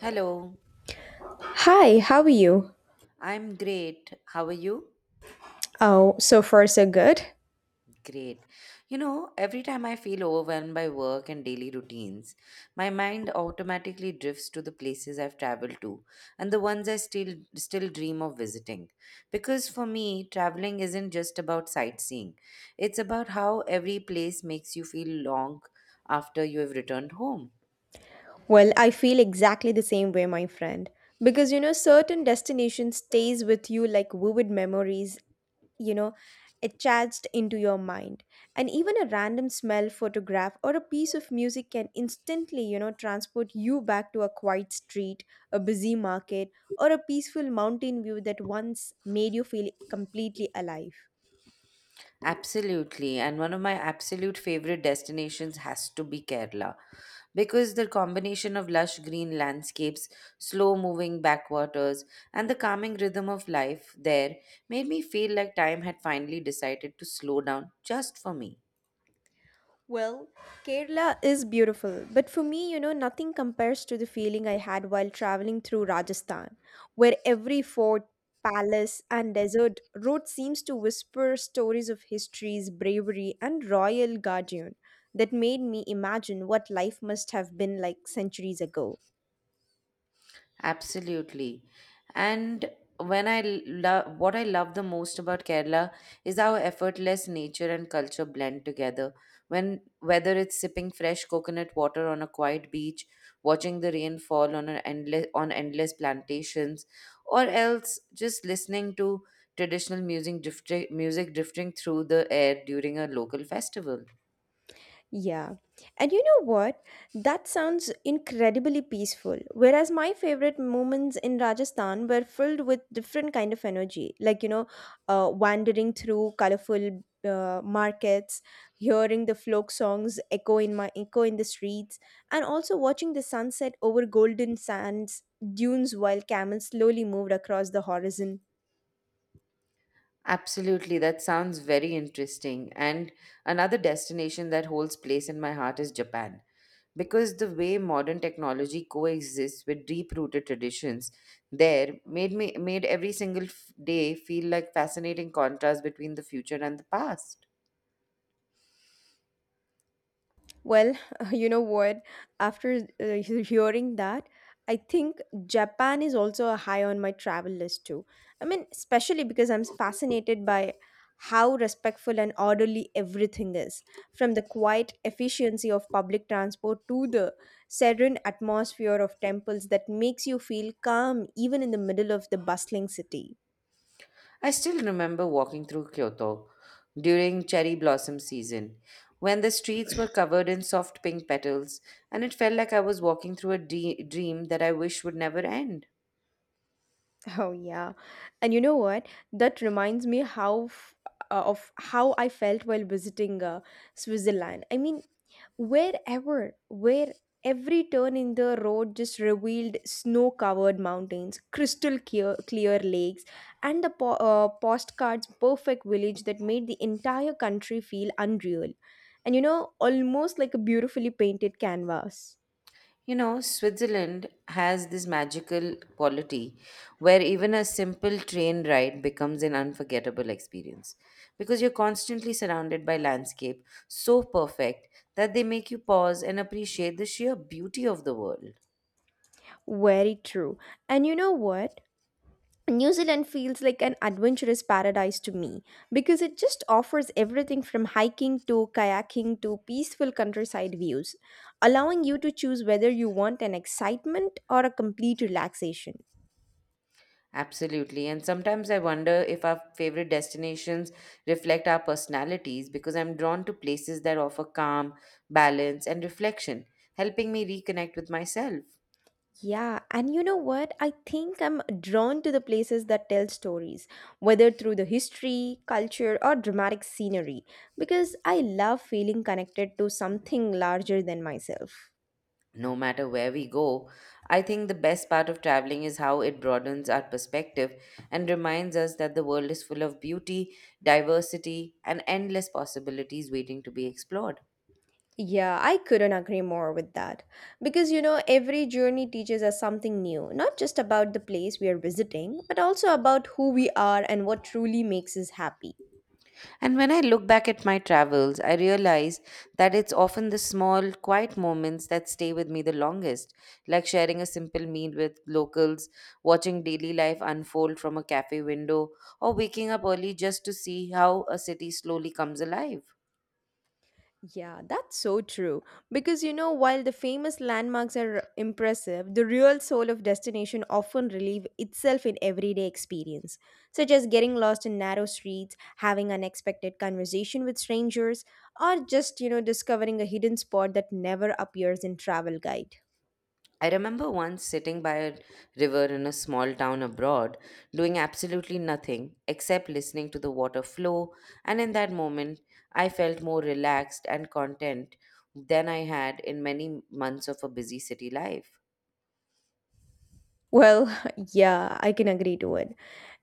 Hello, Hi, how are you? I'm great. How are you? Oh, so far so good. Great. You know, every time I feel overwhelmed by work and daily routines, my mind automatically drifts to the places I've traveled to and the ones I still dream of visiting. Because for me, traveling isn't just about sightseeing. It's about how every place makes you feel long after you have returned home. Well, I feel exactly the same way, my friend. Because you know, certain destinations stays with you like vivid memories, you know, etched into your mind. And even a random smell, photograph, or a piece of music can instantly transport you back to a quiet street, a busy market, or a peaceful mountain view that once made you feel completely alive. Absolutely. And one of my absolute favorite destinations has to be Kerala, because the combination of lush green landscapes, slow moving backwaters, and the calming rhythm of life there made me feel like time had finally decided to slow down just for me. Well, Kerala is beautiful, but for me, you know, nothing compares to the feeling I had while traveling through Rajasthan, where every fort, palace, and desert road seems to whisper stories of history's bravery and royal guardian that made me imagine what life must have been like centuries ago. Absolutely. And when I love what I love the most about Kerala is how effortless nature and culture blend together. When whether it's sipping fresh coconut water on a quiet beach, watching the rain fall on an endless on endless plantations, or else just listening to traditional music drifting through the air during a local festival. Yeah. And you know what? That sounds incredibly peaceful. Whereas my favorite moments in Rajasthan were filled with different kind of energy, like you know, wandering through colorful markets, hearing the folk songs echo in the streets, and also watching the sunset over golden sands dunes while camels slowly moved across the horizon. Absolutely, that sounds very interesting. And another destination that holds place in my heart is Japan. Because the way modern technology coexists with deep-rooted traditions there made every single day feel like fascinating contrast between the future and the past. Well, you know what? After hearing that, I think Japan is also a high on my travel list too. I mean, especially because I'm fascinated by how respectful and orderly everything is, from the quiet efficiency of public transport to the serene atmosphere of temples that makes you feel calm even in the middle of the bustling city. I still remember walking through Kyoto during cherry blossom season when the streets were covered in soft pink petals, and it felt like I was walking through a dream that I wish would never end. Oh yeah. And you know what? That reminds me of how I felt while visiting Switzerland. I mean, where every turn in the road just revealed snow-covered mountains, clear lakes, and the postcards perfect village that made the entire country feel unreal. And you know, almost like a beautifully painted canvas. You know, Switzerland has this magical quality where even a simple train ride becomes an unforgettable experience, because you're constantly surrounded by landscape so perfect that they make you pause and appreciate the sheer beauty of the world. Very true. And you know what? New Zealand feels like an adventurous paradise to me because it just offers everything from hiking to kayaking to peaceful countryside views, allowing you to choose whether you want an excitement or a complete relaxation. Absolutely. And sometimes I wonder if our favorite destinations reflect our personalities, because I'm drawn to places that offer calm, balance, and reflection, helping me reconnect with myself. Yeah, and you know what? I think I'm drawn to the places that tell stories, whether through the history, culture, or dramatic scenery, because I love feeling connected to something larger than myself. No matter where we go, I think the best part of traveling is how it broadens our perspective and reminds us that the world is full of beauty, diversity, and endless possibilities waiting to be explored. Yeah, I couldn't agree more with that. Because, you know, every journey teaches us something new, not just about the place we are visiting, but also about who we are and what truly makes us happy. And when I look back at my travels, I realize that it's often the small, quiet moments that stay with me the longest, like sharing a simple meal with locals, watching daily life unfold from a cafe window, or waking up early just to see how a city slowly comes alive. Yeah, that's so true. Because, you know, while the famous landmarks are impressive, the real soul of destination often relieve itself in everyday experience, such as getting lost in narrow streets, having unexpected conversation with strangers, or just discovering a hidden spot that never appears in travel guide. I remember once sitting by a river in a small town abroad, doing absolutely nothing except listening to the water flow, and in that moment, I felt more relaxed and content than I had in many months of a busy city life. Well, yeah, I can agree to it.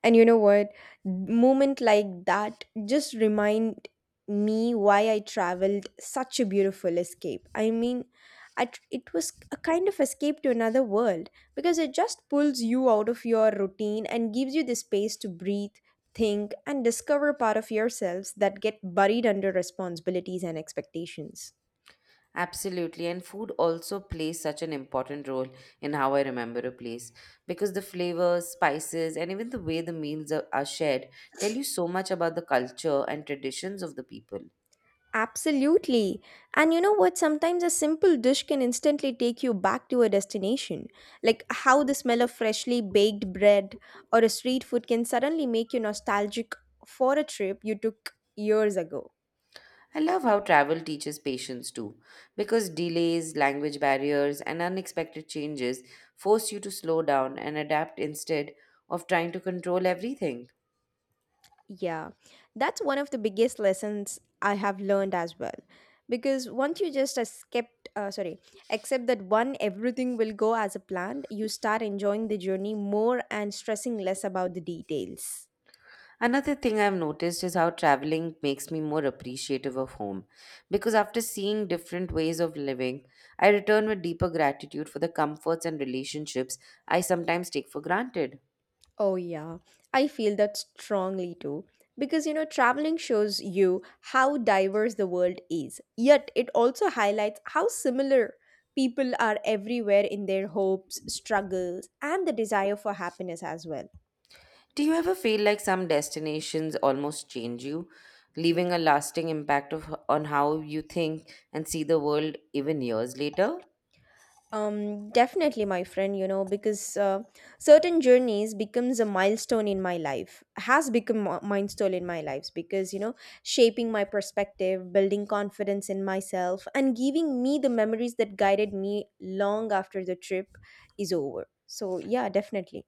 And you know what? Moment like that just remind me why I traveled such a beautiful escape. I mean, it was a kind of escape to another world because it just pulls you out of your routine and gives you the space to breathe, think, and discover part of yourselves that get buried under responsibilities and expectations. Absolutely, and food also plays such an important role in how I remember a place, because the flavors, spices, and even the way the meals are shared tell you so much about the culture and traditions of the people. Absolutely. And you know what? Sometimes a simple dish can instantly take you back to a destination. Like how the smell of freshly baked bread or a street food can suddenly make you nostalgic for a trip you took years ago. I love how travel teaches patience too, because delays, language barriers, and unexpected changes force you to slow down and adapt instead of trying to control everything. Yeah, that's one of the biggest lessons I have learned as well. Because once you just accept that one everything will go as a planned, you start enjoying the journey more and stressing less about the details. Another thing I've noticed is how traveling makes me more appreciative of home, because after seeing different ways of living, I return with deeper gratitude for the comforts and relationships I sometimes take for granted. Oh, yeah. I feel that strongly too. Because, you know, traveling shows you how diverse the world is. Yet it also highlights how similar people are everywhere in their hopes, struggles, and the desire for happiness as well. Do you ever feel like some destinations almost change you, leaving a lasting impact on how you think and see the world even years later? Definitely, my friend, you know, because certain journeys becomes a milestone in my life, has become a milestone in my lives because, you know, shaping my perspective, building confidence in myself, and giving me the memories that guided me long after the trip is over. So, yeah, definitely.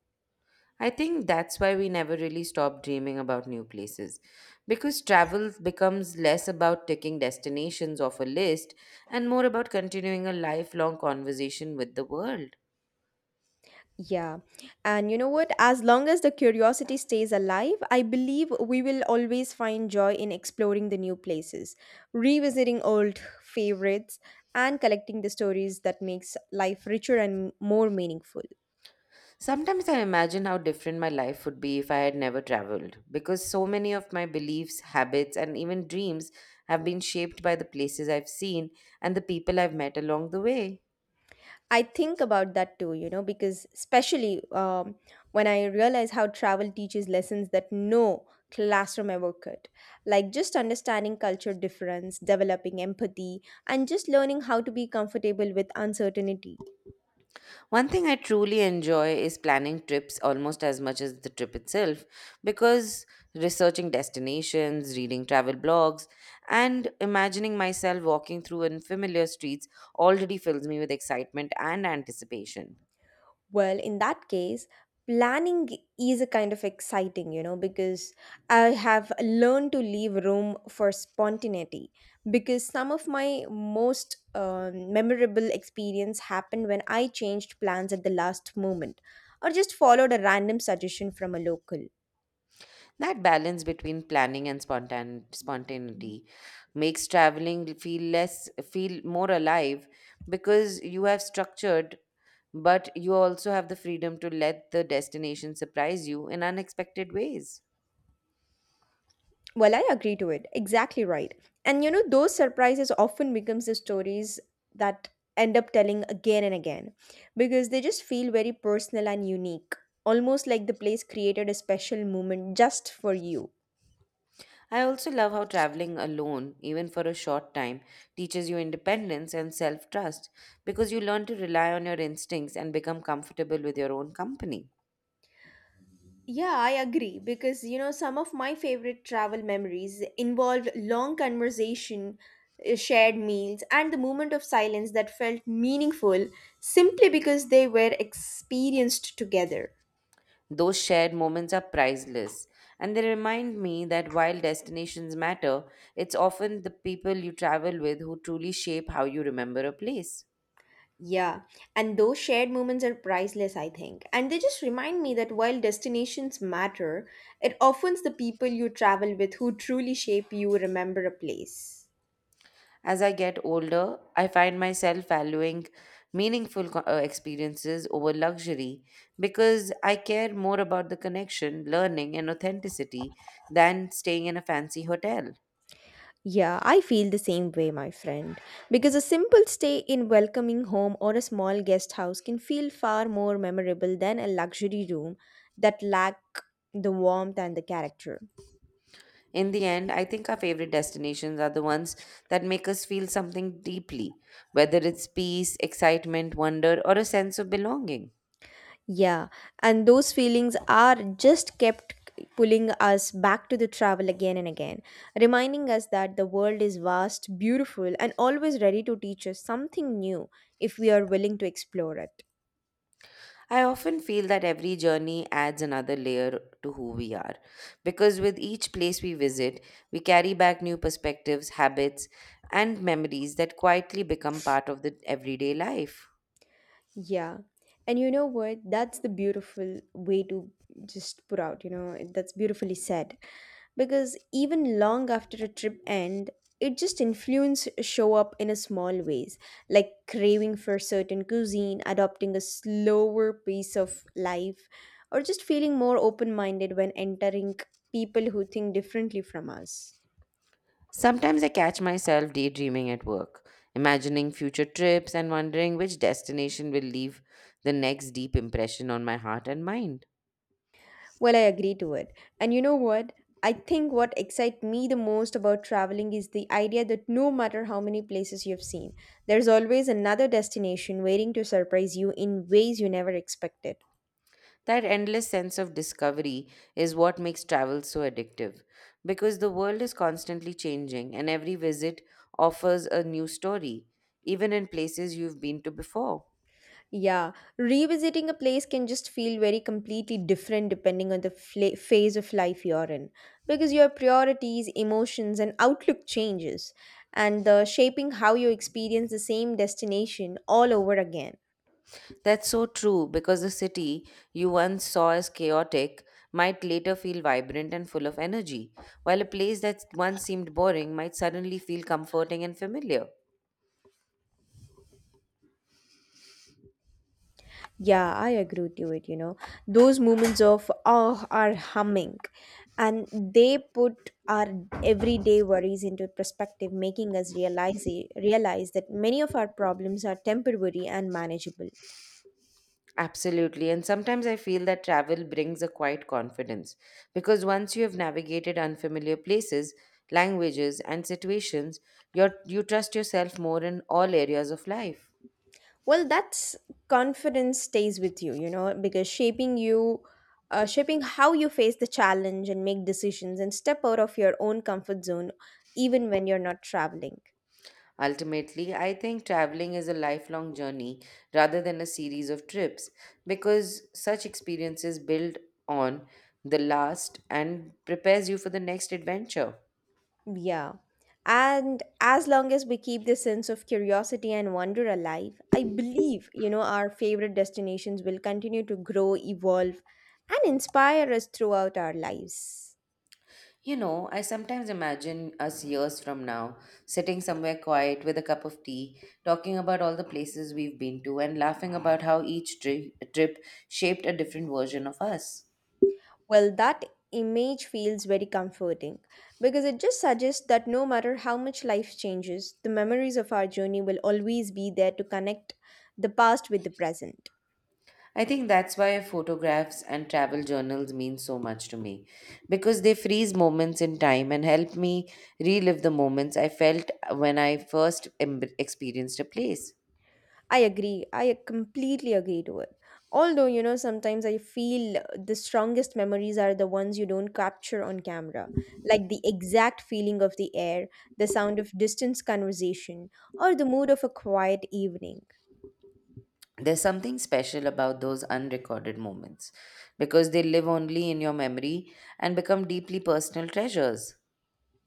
I think that's why we never really stop dreaming about new places. Because travel becomes less about ticking destinations off a list and more about continuing a lifelong conversation with the world. Yeah. And you know what? As long as the curiosity stays alive, I believe we will always find joy in exploring the new places, revisiting old favorites, and collecting the stories that makes life richer and more meaningful. Sometimes I imagine how different my life would be if I had never traveled, because so many of my beliefs, habits, and even dreams have been shaped by the places I've seen and the people I've met along the way. I think about that too, you know, because especially when I realize how travel teaches lessons that no classroom ever could, like just understanding culture difference, developing empathy, and just learning how to be comfortable with uncertainty. One thing I truly enjoy is planning trips almost as much as the trip itself, because researching destinations, reading travel blogs, and imagining myself walking through unfamiliar streets already fills me with excitement and anticipation. Well, in that case, planning is a kind of exciting, you know, because I have learned to leave room for spontaneity. Because some of my most memorable experience happened when I changed plans at the last moment or just followed a random suggestion from a local. That balance between planning and spontaneity makes traveling feel more alive, because you have structured, but you also have the freedom to let the destination surprise you in unexpected ways. Well, I agree to it. Exactly right. And you know, those surprises often becomes the stories that end up telling again and again because they just feel very personal and unique. Almost like the place created a special moment just for you. I also love how traveling alone, even for a short time, teaches you independence and self trust, because you learn to rely on your instincts and become comfortable with your own company. Yeah, I agree because you know some of my favorite travel memories involved long conversation, shared meals, and the moment of silence that felt meaningful simply because they were experienced together. Those shared moments are priceless, and they remind me that while destinations matter, it's often the people you travel with who truly shape how you remember a place. Yeah, and those shared moments are priceless, I think. And they just remind me that while destinations matter, it often's the people you travel with who truly shape you remember a place. As I get older, I find myself valuing meaningful experiences over luxury, because I care more about the connection, learning, and authenticity than staying in a fancy hotel. Yeah, I feel the same way, my friend. Because a simple stay in welcoming home or a small guest house can feel far more memorable than a luxury room that lack the warmth and the character. In the end, I think our favorite destinations are the ones that make us feel something deeply, whether it's peace, excitement, wonder, or a sense of belonging. Yeah, and those feelings are just kept pulling us back to the travel again and again, reminding us that the world is vast, beautiful, and always ready to teach us something new if we are willing to explore it. I often feel that every journey adds another layer to who we are, because with each place we visit, we carry back new perspectives, habits, and memories that quietly become part of the everyday life. Yeah. And you know what? That's the beautiful way to just put out, you know, that's beautifully said. Because even long after a trip end, it just influence show up in a small ways, like craving for certain cuisine, adopting a slower pace of life, or just feeling more open-minded when entering people who think differently from us. Sometimes I catch myself daydreaming at work, imagining future trips and wondering which destination will leave the next deep impression on my heart and mind. Well, I agree to it. And you know what? I think what excites me the most about traveling is the idea that no matter how many places you've seen, there's always another destination waiting to surprise you in ways you never expected. That endless sense of discovery is what makes travel so addictive, because the world is constantly changing and every visit offers a new story, even in places you've been to before. Yeah, revisiting a place can just feel very completely different depending on the phase of life you're in because your priorities, emotions, and outlook changes and shaping how you experience the same destination all over again. That's so true, because the city you once saw as chaotic might later feel vibrant and full of energy, while a place that once seemed boring might suddenly feel comforting and familiar. Yeah, I agree with you. It you know those moments of oh are humming, and they put our everyday worries into perspective, making us realize that many of our problems are temporary and manageable. Absolutely, and sometimes I feel that travel brings a quiet confidence, because once you have navigated unfamiliar places, languages, and situations, you trust yourself more in all areas of life. Well, that's confidence stays with you, you know, because shaping how you face the challenge and make decisions and step out of your own comfort zone, even when you're not traveling. Ultimately, I think traveling is a lifelong journey rather than a series of trips, because such experiences build on the last and prepares you for the next adventure. Yeah. And as long as we keep this sense of curiosity and wonder alive, I believe, you know, our favorite destinations will continue to grow, evolve, and inspire us throughout our lives. You know, I sometimes imagine us years from now sitting somewhere quiet with a cup of tea, talking about all the places we've been to and laughing about how each trip shaped a different version of us. Well, that image feels very comforting because it just suggests that no matter how much life changes, the memories of our journey will always be there to connect the past with the present. I think that's why photographs and travel journals mean so much to me, because they freeze moments in time and help me relive the moments I felt when I first experienced a place. I agree. I completely agree to it. Although, you know, sometimes I feel the strongest memories are the ones you don't capture on camera, like the exact feeling of the air, the sound of distant conversation, or the mood of a quiet evening. There's something special about those unrecorded moments, because they live only in your memory and become deeply personal treasures.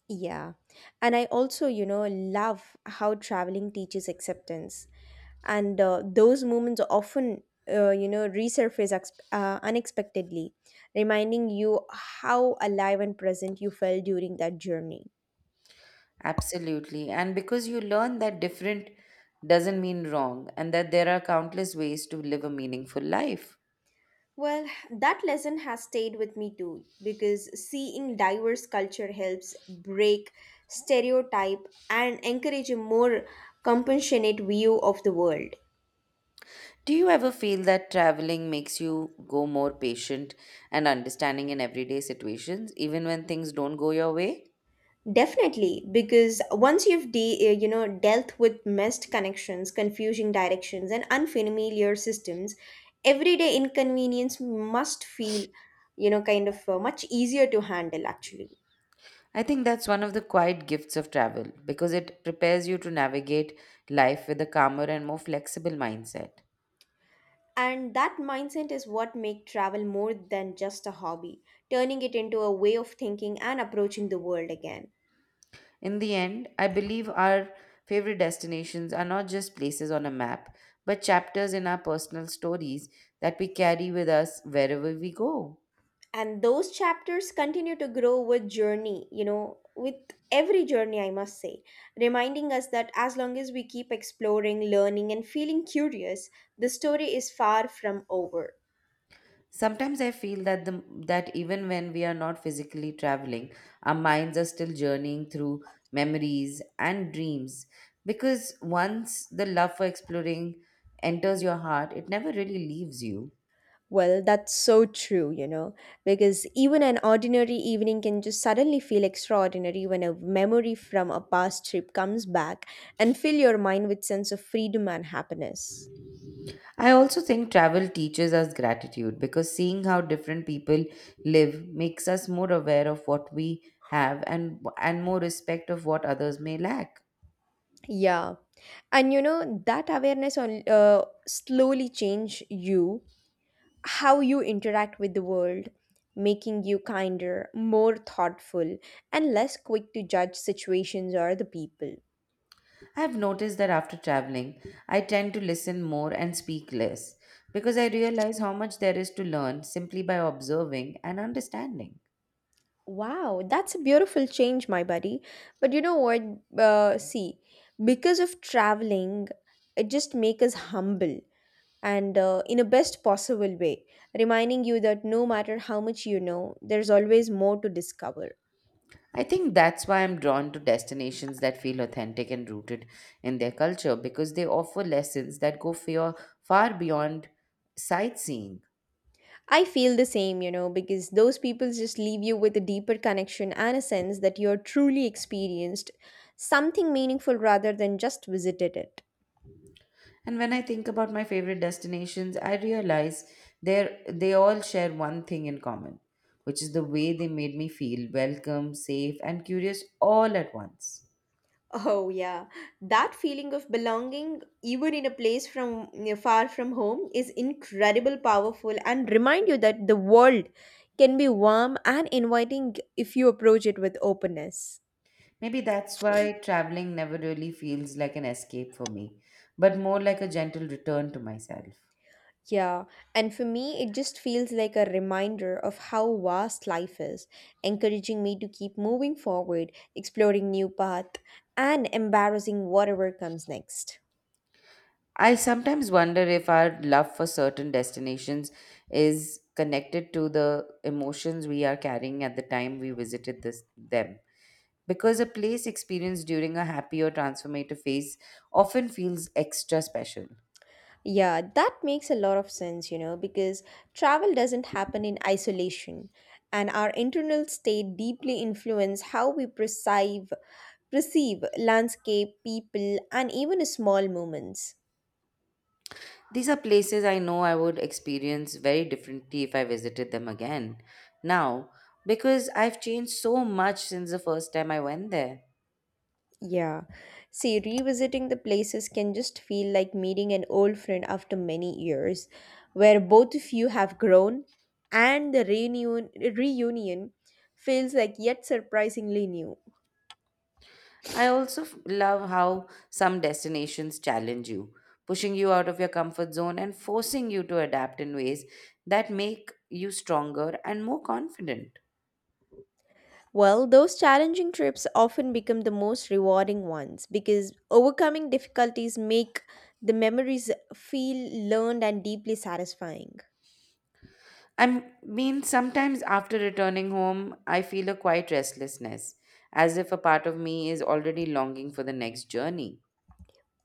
Yeah. And I also, you know, love how traveling teaches acceptance. And those moments often, you know, resurface unexpectedly, reminding you how alive and present you felt during that journey. Absolutely. And because you learn that different doesn't mean wrong, and that there are countless ways to live a meaningful life. Well, that lesson has stayed with me too because seeing diverse culture helps break stereotype and encourage a more compassionate view of the world. Do you ever feel that traveling makes you go more patient and understanding in everyday situations, even when things don't go your way? Definitely, because once you've you know dealt with missed connections, confusing directions, and unfamiliar systems, everyday inconvenience must feel you know kind of much easier to handle actually I think that's one of the quiet gifts of travel, because it prepares you to navigate life with a calmer and more flexible mindset. And that mindset is what makes travel more than just a hobby, turning it into a way of thinking and approaching the world again. In the end, I believe our favorite destinations are not just places on a map, but chapters in our personal stories that we carry with us wherever we go. And those chapters continue to grow with journey, you know, with every journey, I must say, reminding us that as long as we keep exploring, learning, and feeling curious, the story is far from over. Sometimes I feel that even when we are not physically traveling, our minds are still journeying through memories and dreams. Because once the love for exploring enters your heart, it never really leaves you. Well, that's so true, you know, because even an ordinary evening can just suddenly feel extraordinary when a memory from a past trip comes back and fill your mind with sense of freedom and happiness. I also think travel teaches us gratitude, because seeing how different people live makes us more aware of what we have, and more respect of what others may lack. Yeah. And you know, that awareness on slowly change you, how you interact with the world, making you kinder, more thoughtful, and less quick to judge situations or the people. I have noticed that after traveling, I tend to listen more and speak less, because I realize how much there is to learn simply by observing and understanding. Wow, that's a beautiful change, my buddy. But you know what? See, because of traveling, it just makes us humble and in a best possible way, reminding you that no matter how much you know, there's always more to discover. I think that's why I'm drawn to destinations that feel authentic and rooted in their culture, because they offer lessons that go far beyond sightseeing. I feel the same, you know, because those people just leave you with a deeper connection and a sense that you're truly experienced something meaningful rather than just visited it. And when I think about my favorite destinations, I realize they all share one thing in common, which is the way they made me feel welcome, safe, and curious all at once. Oh, yeah. That feeling of belonging, even in a place far from home, is incredible, powerful, and remind you that the world can be warm and inviting if you approach it with openness. Maybe that's why traveling never really feels like an escape for me, but more like a gentle return to myself. Yeah, and for me, it just feels like a reminder of how vast life is, encouraging me to keep moving forward, exploring new paths, and embarrassing whatever comes next. I sometimes wonder if our love for certain destinations is connected to the emotions we are carrying at the time we visited this them, because a place experienced during a happy or transformative phase often feels extra special. Yeah, that makes a lot of sense, you know, because travel doesn't happen in isolation, and our internal state deeply influence how we perceive landscape, people, and even small moments. These are places I know I would experience very differently if I visited them again now, because I've changed so much since the first time I went there. Yeah. See, revisiting the places can just feel like meeting an old friend after many years, where both of you have grown, and the reunion feels like yet surprisingly new. I also love how some destinations challenge you, pushing you out of your comfort zone and forcing you to adapt in ways that make you stronger and more confident. Well, those challenging trips often become the most rewarding ones because overcoming difficulties make the memories feel learned and deeply satisfying. I mean, sometimes after returning home, I feel a quiet restlessness, as if a part of me is already longing for the next journey.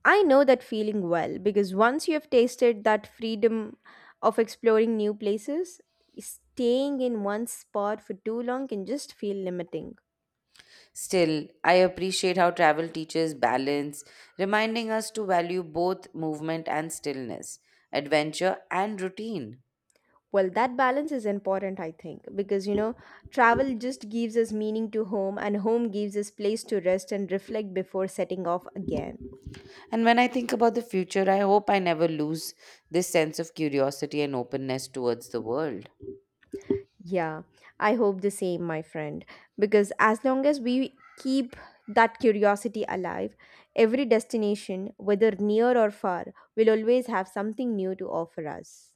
I know that feeling well because once you have tasted that freedom of exploring new places, staying in one spot for too long can just feel limiting. Still, I appreciate how travel teaches balance, reminding us to value both movement and stillness, adventure and routine. Well, that balance is important, I think, because you know, travel just gives us meaning to home, and home gives us place to rest and reflect before setting off again. And when I think about the future, I hope I never lose this sense of curiosity and openness towards the world. Yeah, I hope the same, my friend. Because as long as we keep that curiosity alive, every destination, whether near or far, will always have something new to offer us.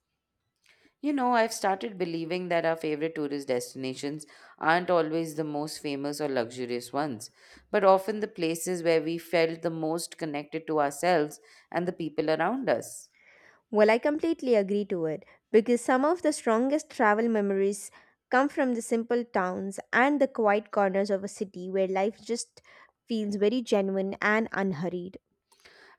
You know, I've started believing that our favorite tourist destinations aren't always the most famous or luxurious ones, but often the places where we felt the most connected to ourselves and the people around us. Well, I completely agree to it because some of the strongest travel memories come from the simple towns and the quiet corners of a city where life just feels very genuine and unhurried.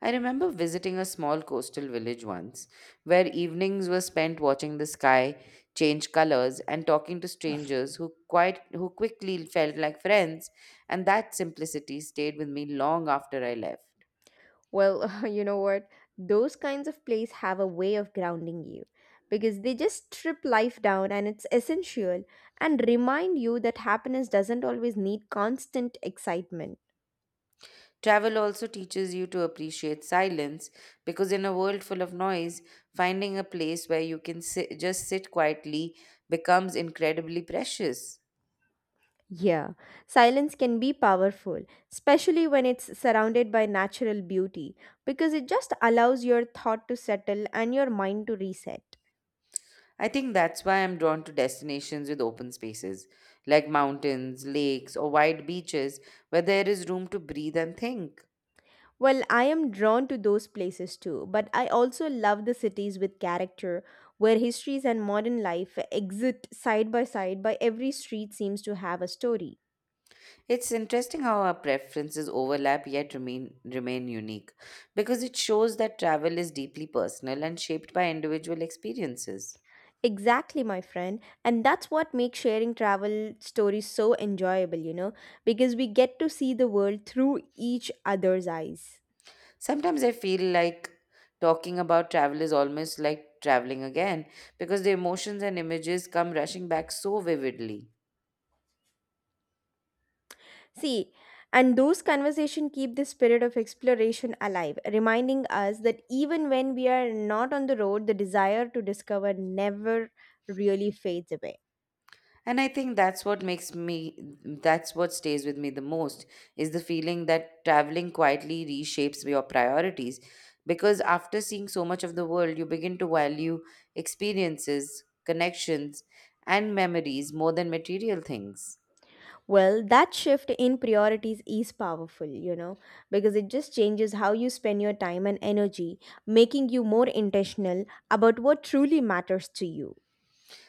I remember visiting a small coastal village once, where evenings were spent watching the sky change colors and talking to strangers who quickly felt like friends, and that simplicity stayed with me long after I left. Well, you know what? Those kinds of plays have a way of grounding you because they just strip life down and it's essential and remind you that happiness doesn't always need constant excitement. Travel also teaches you to appreciate silence because in a world full of noise, finding a place where you can sit, just sit quietly becomes incredibly precious. Yeah, silence can be powerful, especially when it's surrounded by natural beauty because it just allows your thought to settle and your mind to reset. I think that's why I'm drawn to destinations with open spaces like mountains, lakes, or wide beaches where there is room to breathe and think. Well, I am drawn to those places too, but I also love the cities with character, where histories and modern life exist side by side, by every street seems to have a story. It's interesting how our preferences overlap yet remain unique because it shows that travel is deeply personal and shaped by individual experiences. Exactly, my friend. And that's what makes sharing travel stories so enjoyable, you know, because we get to see the world through each other's eyes. Sometimes I feel like talking about travel is almost like traveling again because the emotions and images come rushing back so vividly. See, and those conversations keep the spirit of exploration alive, reminding us that even when we are not on the road, the desire to discover never really fades away. And I think that's what makes me, that's what stays with me the most is the feeling that traveling quietly reshapes your priorities. Because after seeing so much of the world, you begin to value experiences, connections, and memories more than material things. Well, that shift in priorities is powerful, you know, because it just changes how you spend your time and energy, making you more intentional about what truly matters to you.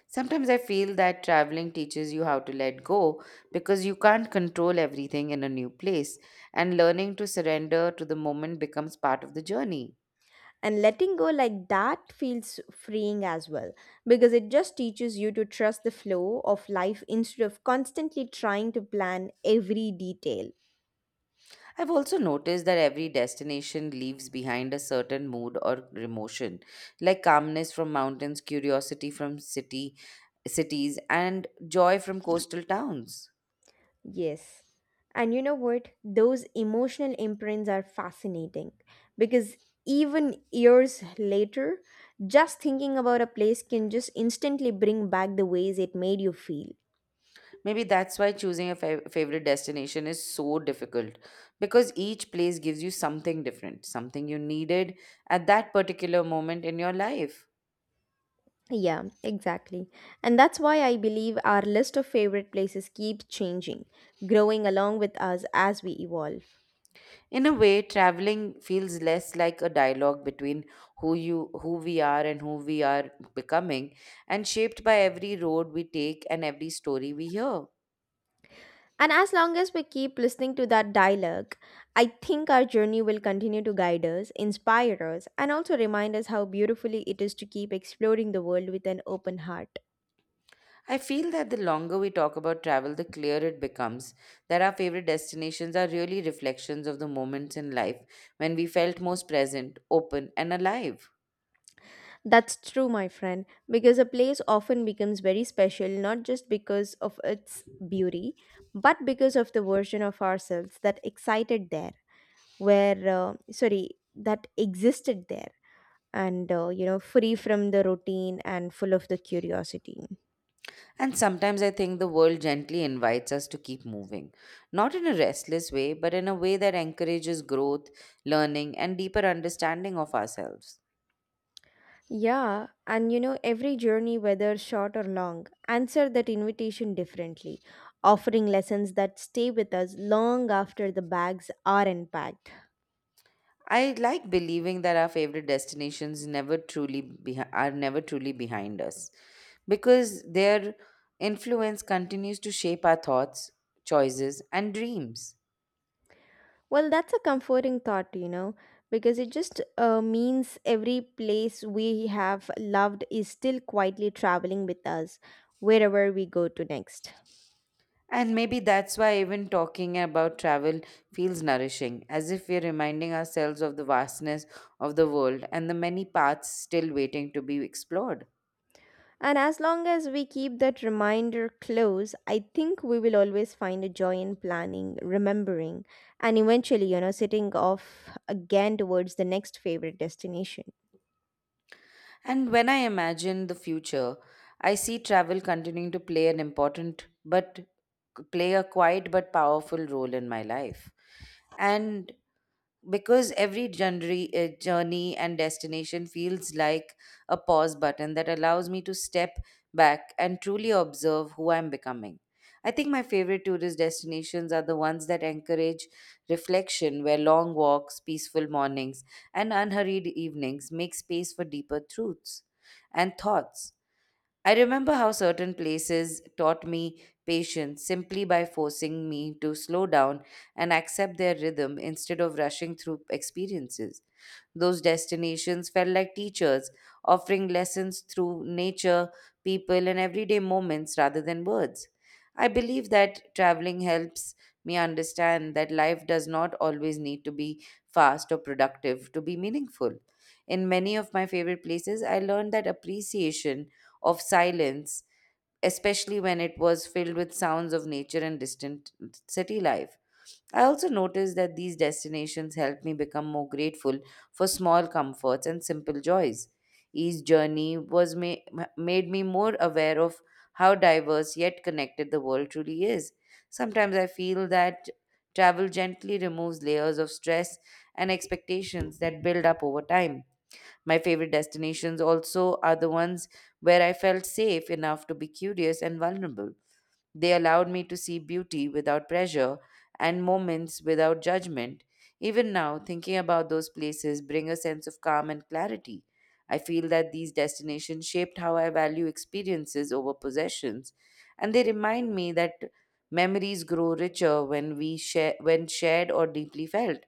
Sometimes I feel that traveling teaches you how to let go because you can't control everything in a new place, and learning to surrender to the moment becomes part of the journey. And letting go like that feels freeing as well, because it just teaches you to trust the flow of life instead of constantly trying to plan every detail. I've also noticed that every destination leaves behind a certain mood or emotion, like calmness from mountains, curiosity from city cities, and joy from coastal towns. Yes. And you know what? Those emotional imprints are fascinating because even years later, just thinking about a place can just instantly bring back the ways it made you feel. Maybe that's why choosing a favorite destination is so difficult because each place gives you something different, something you needed at that particular moment in your life. Yeah, exactly. And that's why I believe our list of favorite places keeps changing, growing along with us as we evolve. In a way, traveling feels less like a dialogue between who we are and who we are becoming and shaped by every road we take and every story we hear. And as long as we keep listening to that dialogue, I think our journey will continue to guide us, inspire us, and also remind us how beautifully it is to keep exploring the world with an open heart. I feel that the longer we talk about travel, the clearer it becomes that our favorite destinations are really reflections of the moments in life when we felt most present, open, and alive. That's true, my friend, because a place often becomes very special not just because of its beauty, but because of the version of ourselves that excited there. Where Sorry, that existed there and you know, free from the routine and full of the curiosity. And sometimes I think the world gently invites us to keep moving, not in a restless way, but in a way that encourages growth, learning, and deeper understanding of ourselves. Yeah, and you know, every journey, whether short or long, answer that invitation differently, offering lessons that stay with us long after the bags are unpacked. I like believing that our favorite destinations never truly behi- are never truly behind us because their influence continues to shape our thoughts, choices, and dreams. Well, that's a comforting thought, you know, because it just means every place we have loved is still quietly traveling with us wherever we go to next. And maybe that's why even talking about travel feels nourishing, as if we're reminding ourselves of the vastness of the world and the many paths still waiting to be explored. And as long as we keep that reminder close, I think we will always find a joy in planning, remembering, and eventually, you know, setting off again towards the next favorite destination. And when I imagine the future, I see travel continuing to play an important but play a quiet but powerful role in my life. And because every journey and destination feels like a pause button that allows me to step back and truly observe who I'm becoming. I think my favorite tourist destinations are the ones that encourage reflection, where long walks, peaceful mornings, and unhurried evenings make space for deeper truths and thoughts. I remember how certain places taught me patience simply by forcing me to slow down and accept their rhythm instead of rushing through experiences. Those destinations felt like teachers, offering lessons through nature, people, and everyday moments rather than words. I believe that traveling helps me understand that life does not always need to be fast or productive to be meaningful. In many of my favorite places, I learned that appreciation of silence, especially when it was filled with sounds of nature and distant city life. I also noticed that these destinations helped me become more grateful for small comforts and simple joys. Each journey was ma- Made me more aware of how diverse yet connected the world truly is. Sometimes I feel that travel gently removes layers of stress and expectations that build up over time. My favorite destinations also are the ones where I felt safe enough to be curious and vulnerable. They allowed me to see beauty without pressure and moments without judgment. Even now, thinking about those places bring a sense of calm and clarity. I feel that these destinations shaped how I value experiences over possessions, and they remind me that memories grow richer when we share when shared or deeply felt.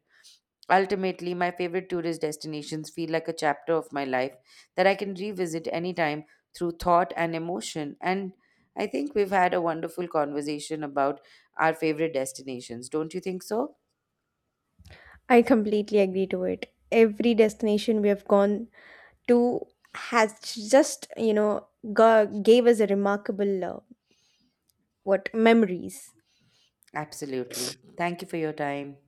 Ultimately, my favorite tourist destinations feel like a chapter of my life that I can revisit anytime through thought and emotion. And I think we've had a wonderful conversation about our favorite destinations. Don't you think so? I completely agree to it. Every destination we have gone to has just, you know, gave us a remarkable what memories. Absolutely. Thank you for your time.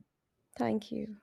Thank you.